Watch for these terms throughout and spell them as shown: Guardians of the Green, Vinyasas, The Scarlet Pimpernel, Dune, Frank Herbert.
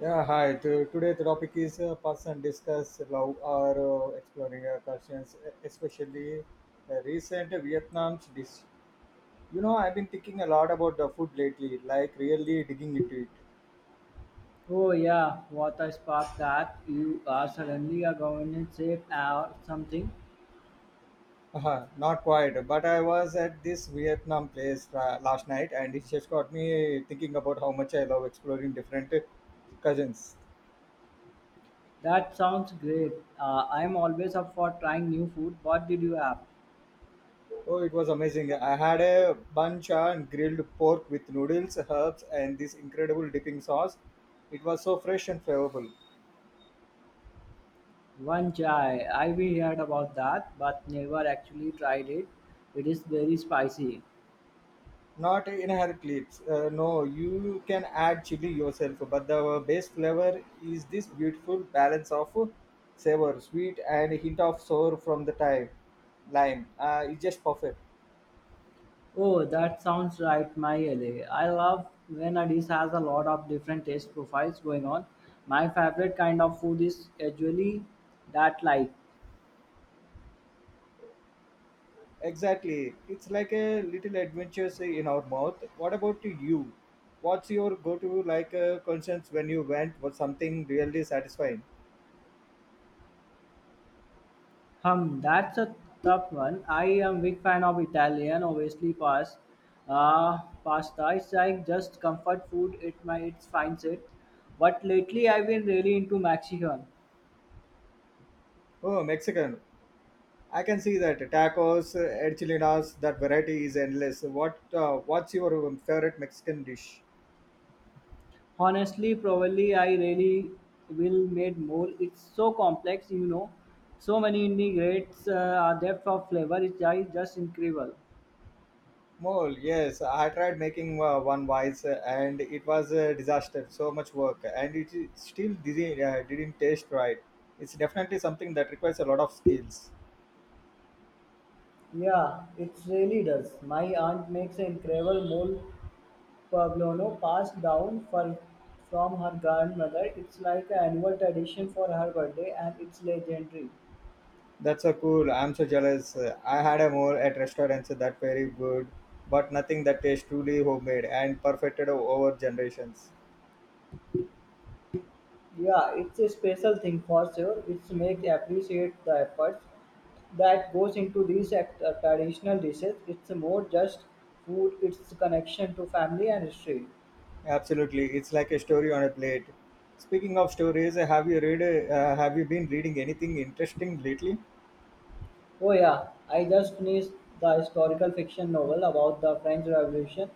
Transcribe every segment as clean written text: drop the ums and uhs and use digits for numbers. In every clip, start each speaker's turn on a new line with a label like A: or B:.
A: Yeah, hi. Today the topic is person discuss love or exploring cultures, especially recent Vietnam dish. You know, I've been thinking a lot about the food lately, like really digging into it.
B: Oh yeah, what a spark that you are suddenly a governance chef or something.
A: Uh-huh, not quite, but I was at this Vietnam place last night, and it just got me thinking about how much I love exploring different cousins.
B: That sounds great. I'm always up for trying new food. What did you have?
A: Oh, it was amazing. I had a bun and grilled pork with noodles, herbs, and this incredible dipping sauce. It was so fresh and flavorful.
B: One chai. I've heard about that, but never actually tried it. It is very spicy.
A: Not inherent clips. No, you can add chili yourself, but the base flavor is this beautiful balance of savor, sweet, and a hint of sour from the thyme, lime. It's just perfect.
B: Oh, that sounds right, my alley. I love when a dish has a lot of different taste profiles going on. My favorite kind of food is usually that light.
A: Exactly. It's like a little adventures in our mouth. What about you? What's your go-to like conscience when you went for something really satisfying?
B: That's a tough one. I am big fan of Italian, obviously pasta. It's like just comfort food. It my it finds it. But lately I've been really into Mexican.
A: Oh, Mexican. I can see that tacos, enchiladas, that variety is endless. What's your favorite Mexican dish?
B: Honestly, probably I really will made more. It's so complex, you know. So many ingredients, depth of flavor. It's just incredible.
A: Mole, yes, I tried making one once and it was a disaster. So much work and it still didn't taste right. It's definitely something that requires a lot of skills.
B: Yeah, it really does. My aunt makes an incredible mole Pueblono passed down for, from her grandmother. It's like an annual tradition for her birthday and it's legendary.
A: That's so cool. I'm so jealous. I had a more at restaurants that very good, but nothing that tastes truly homemade and perfected over generations.
B: Yeah, it's a special thing for sure. It makes appreciate the efforts that goes into these traditional dishes. It's more just food, it's connection to family and history.
A: Absolutely, it's like a story on a plate. Speaking of stories, have you read? Have you been reading anything interesting lately?
B: Oh yeah, I just finished the historical fiction novel about the French Revolution.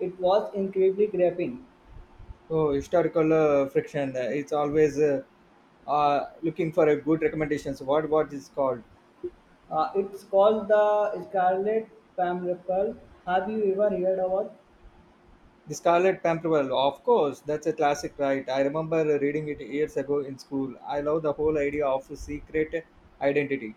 B: It was incredibly gripping.
A: Oh, historical friction. It's always looking for a good recommendations. What is called?
B: It's called the Scarlet Pimpernel. Have you ever heard of it?
A: The Scarlet Pimpernel, of course, that's a classic, right? I remember reading it years ago in school. I love the whole idea of secret identity.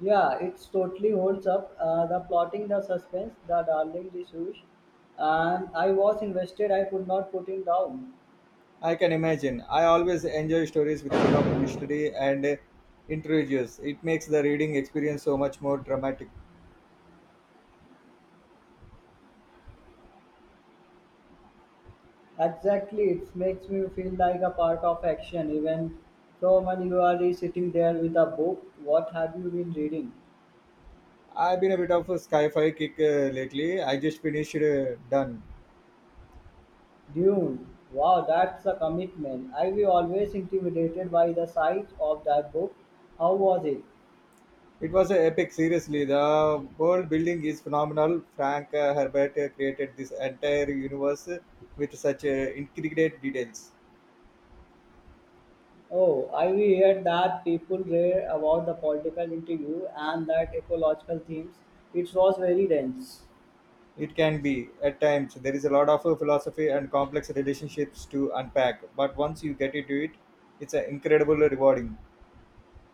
B: Yeah, it's totally holds up. The plotting, the suspense, the darling, the shoes, and I was invested. I could not put it down.
A: I can imagine. I always enjoy stories with a bit of mystery and intrigue. It makes the reading experience so much more dramatic.
B: Exactly, it makes me feel like a part of action. Even so, when you are sitting there with a book, what have you been reading?
A: I've been a bit of a sci-fi kick lately. I just finished Done.
B: Dune. Wow, that's a commitment. I was always intimidated by the size of that book. How was it?
A: It was an epic, seriously. The world building is phenomenal. Frank Herbert created this entire universe with such intricate details.
B: Oh, I we heard that people rave about the political interview and that ecological themes. It was very dense.
A: It can be, at times, there is a lot of philosophy and complex relationships to unpack, but once you get into it, it's incredibly rewarding.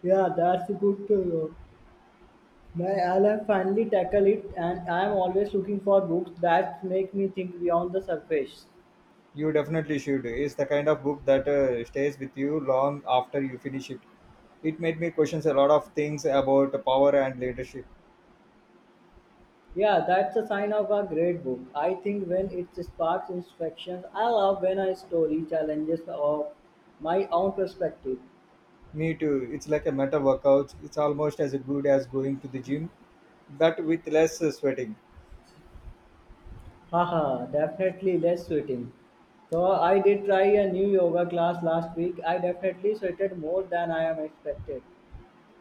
B: Yeah, that's good to know. My I'll have finally tackle it, and I'm always looking for books that make me think beyond the surface.
A: You definitely should. It's the kind of book that stays with you long after you finish it. It made me question a lot of things about power and leadership.
B: Yeah, that's a sign of a great book. I think when it sparks instructions, I love when a story challenges of my own perspective.
A: Me too. It's like a meta workout. It's almost as good as going to the gym, but with less sweating.
B: Haha, definitely less sweating. So I did try a new yoga class last week. I definitely sweated more than I am expected.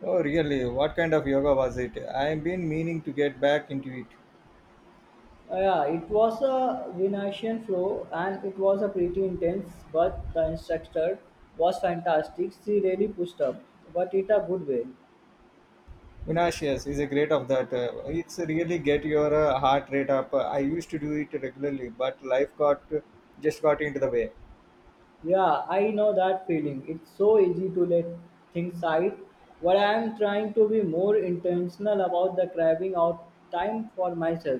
A: Oh, really? What kind of yoga was it? I've been meaning to get back into it.
B: Yeah, it was a Vinayasian flow and it was a pretty intense, but the instructor was fantastic. She really pushed up, but in a good way.
A: Vinashias is a great of that. It's really get your heart rate up. I used to do it regularly, but life got just got into the way.
B: Yeah, I know that feeling. It's so easy to let things slide. But I am trying to be more intentional about the carving out time for myself.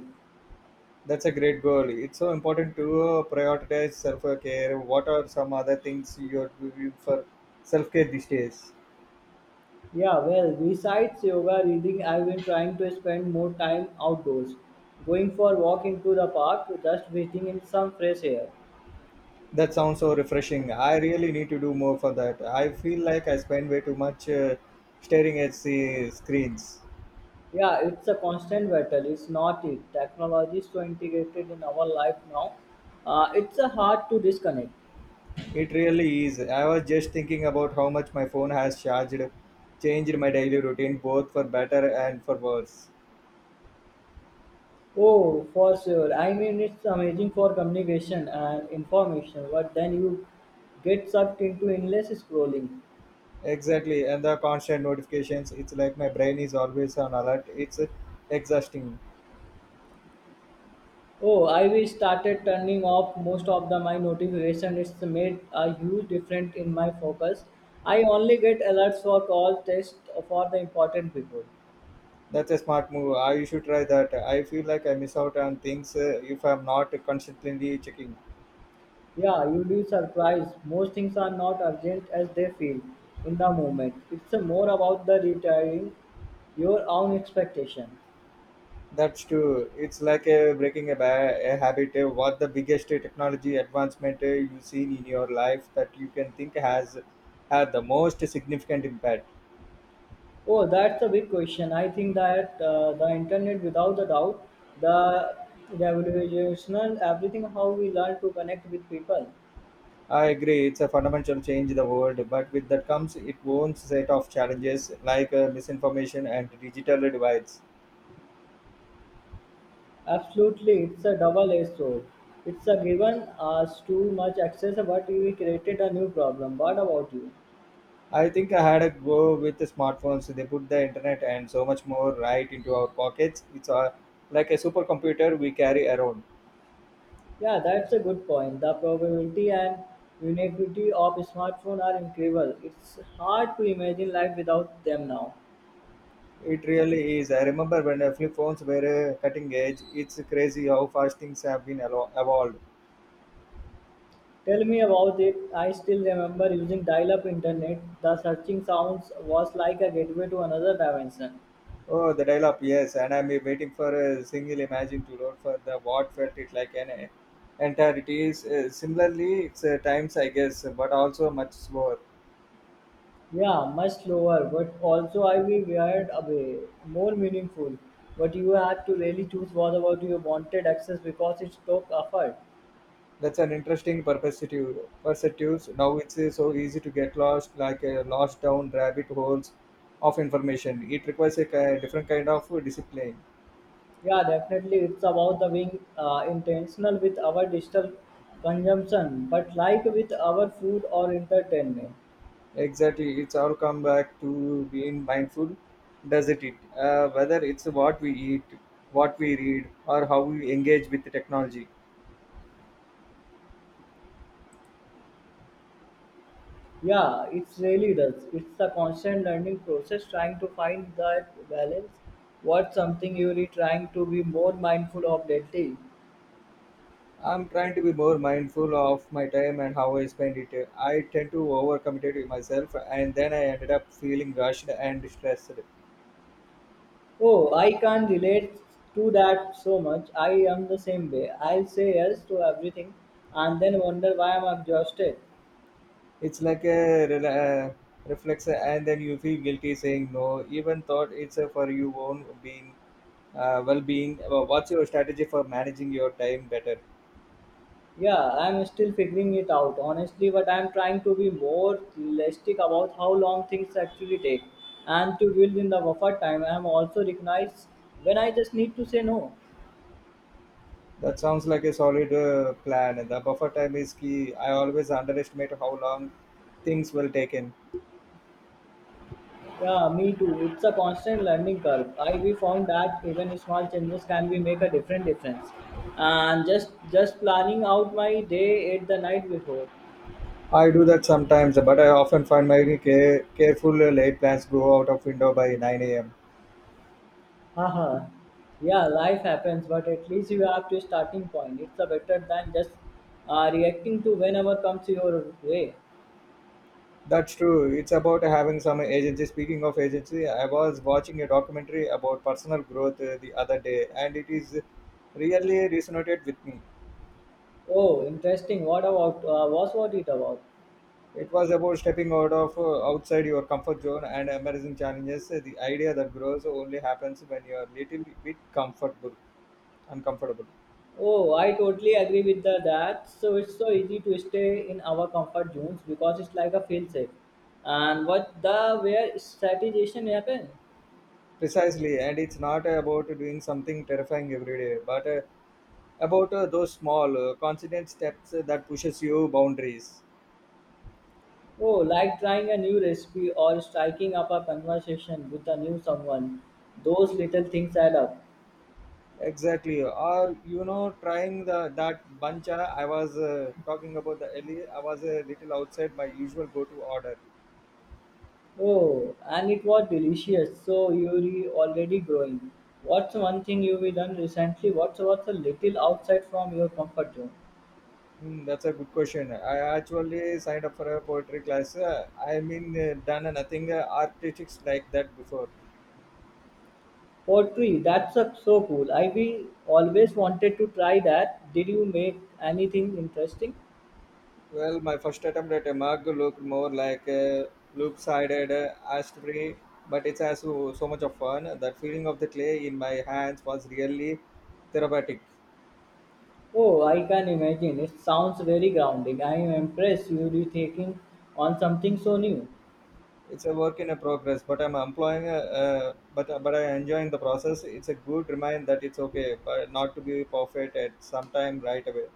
A: That's a great goal. It's so important to prioritize self care. What are some other things you're doing for self care these days?
B: Yeah, well, besides yoga, reading, I've been trying to spend more time outdoors, going for a walk into the park, just breathing in some fresh air.
A: That sounds so refreshing. I really need to do more for that. I feel like I spend way too much staring at the screens.
B: Yeah, it's a constant battle. It's not it. Technology is so integrated in our life now. It's a hard to disconnect.
A: It really is. I was just thinking about how much my phone has changed my daily routine both for better and for worse.
B: Oh, for sure. I mean, it's amazing for communication and information, but then you get sucked into endless scrolling.
A: Exactly, and the constant notifications, it's like my brain is always on alert. It's exhausting.
B: Oh, I wish started turning off most of the my notification. It's made a huge difference in my focus. I only get alerts for calls, tests for the important people.
A: That's a smart move. I should try that. I feel like I miss out on things if I'm not constantly checking.
B: Yeah, you'd be surprised. Most things are not urgent as they feel in the moment. It's more about the retiring your own expectation.
A: That's true. It's like breaking a habit. What the biggest technology advancement you've seen in your life that you can think has had the most significant impact?
B: Oh, that's a big question. I think that the internet, without a doubt, the revolutionary everything how we learn to connect with people.
A: I agree. It's a fundamental change in the world, but with that comes its own set of challenges like misinformation and digital divides.
B: Absolutely, it's a double-edged sword. It's a given us too much access, but we created a new problem. What about you?
A: I think I had a go with the smartphones. They put the internet and so much more right into our pockets. It's like a supercomputer we carry around.
B: Yeah, that's a good point. The probability and ubiquity of smartphones are incredible. It's hard to imagine life without them now.
A: It really is. I remember when flip phones were cutting edge. It's crazy how fast things have been evolved.
B: Tell me about it. I still remember using dial-up internet. The searching sounds was like a gateway to another dimension.
A: Oh, the dial-up, yes. And I'm waiting for a single imagine to load for the what felt it like an entirety. Is similarly, it's times I guess, but also much slower.
B: Yeah, much slower, but also I will weird away, more meaningful. But you have to really choose what about you wanted access because it took effort.
A: That's an interesting perspective. Perspectives. Now it's so easy to get lost, like lost down rabbit holes of information. It requires a different kind of discipline.
B: Yeah, definitely, it's about the being intentional with our digital consumption, but like with our food or entertainment.
A: Exactly, it's all come back to being mindful, doesn't it? Whether it's what we eat, what we read, or how we engage with the technology.
B: Yeah, it really does. It's a constant learning process, trying to find that balance. What's something you're trying to be more mindful of lately?
A: I'm trying to be more mindful of my time and how I spend it. I tend to overcommit to myself, and then I ended up feeling rushed and stressed.
B: Oh, I can't relate to that so much. I am the same way. I'll say yes to everything and then wonder why I'm exhausted.
A: It's like a reflex, and then you feel guilty saying no, even thought it's for your own being, well-being. What's your strategy for managing your time better?
B: Yeah, I'm still figuring it out, honestly, but I'm trying to be more realistic about how long things actually take and to build in the buffer time. I'm also recognized when I just need to say no.
A: That sounds like a solid plan. The buffer time is key. I always underestimate how long things will take in.
B: Yeah, me too. It's a constant learning curve. I we found that even small changes can be make a different difference. And just planning out my day at the night before.
A: I do that sometimes, but I often find my careful late plans go out of window by 9 a.m.
B: Haha, yeah, life happens, but at least you have to starting point. It's a better than just reacting to whenever comes your way.
A: That's true. It's about having some agency. Speaking of agency, I was watching a documentary about personal growth the other day, and it is really resonated with me.
B: Oh, interesting. What's what it about?
A: It was about stepping out of outside your comfort zone and embracing challenges. The idea that grows only happens when you are little bit comfortable, uncomfortable.
B: Oh, I totally agree with that. So it's so easy to stay in our comfort zones because it's like a feel safe. And what the where strategization happen?
A: Precisely, and it's not about doing something terrifying every day, but about those small, constant steps that pushes you boundaries.
B: Oh, like trying a new recipe or striking up a conversation with a new someone. Those little things add up.
A: Exactly, or you know, trying the that buncha I was talking about the earlier. I was a little outside my usual go-to order.
B: Oh, and it was delicious. So you're already growing. What's one thing you've done recently? What's a little outside from your comfort zone?
A: Hmm, that's a good question. I actually signed up for a poetry class. I mean, done nothing artistics like that before.
B: Pottery, that's a so cool. I've always wanted to try that. Did you make anything interesting?
A: Well, my first attempt at a mug looked more like a loop-sided, ash-free, but it's has so much of fun. That feeling of the clay in my hands was really therapeutic.
B: Oh, I can imagine. It sounds very grounding. I am impressed you are taking on something so new.
A: It's a work in a progress, but I enjoying the process. It's a good reminder that it's okay, but not to be perfect at some time right away.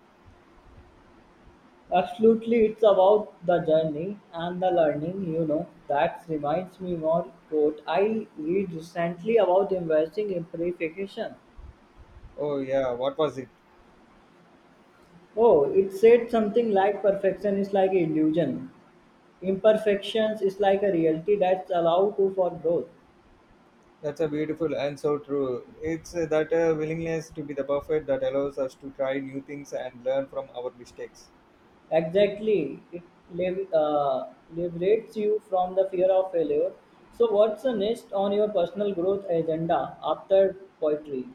B: Absolutely, it's about the journey and the learning, you know. That reminds me more quote I read recently about embracing imperfection.
A: Oh yeah, what was it?
B: Oh, it said something like perfection is like illusion. Imperfections is like a reality that's allow to for growth.
A: That's a beautiful and so true. It's that willingness to be the perfect that allows us to try new things and learn from our mistakes.
B: Exactly, it liberates you from the fear of failure. So, what's the next on your personal growth agenda after poetry?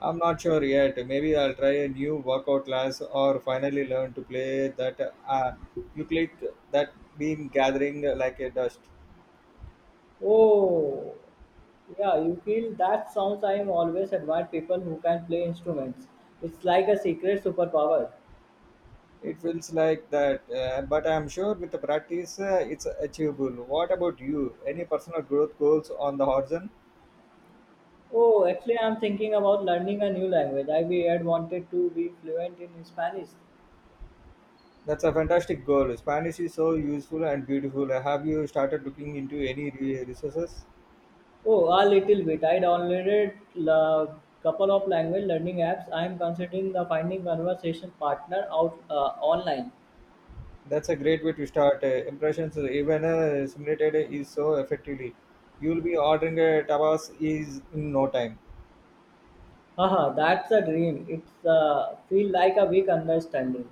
A: I'm not sure yet. Maybe I'll try a new workout class or finally learn to play that uh, you click that beam gathering like a dust.
B: Oh, yeah, you feel that sounds. I am always admired people who can play instruments. It's like a secret superpower.
A: It feels like that, but I'm sure with the practice it's achievable. What about you? Any personal growth goals on the horizon?
B: Oh, actually, I'm thinking about learning a new language. I we had wanted to be fluent in Spanish.
A: That's a fantastic goal. Spanish is so useful and beautiful. Have you started looking into any resources?
B: Oh, a little bit. I downloaded a couple of language learning apps. I am considering the finding conversation partner out online.
A: That's a great way to start. Impressions, even simulated is so effectively. You'll be ordering tapas is in no time.
B: Haha, that's a dream. It's feel like a big understanding.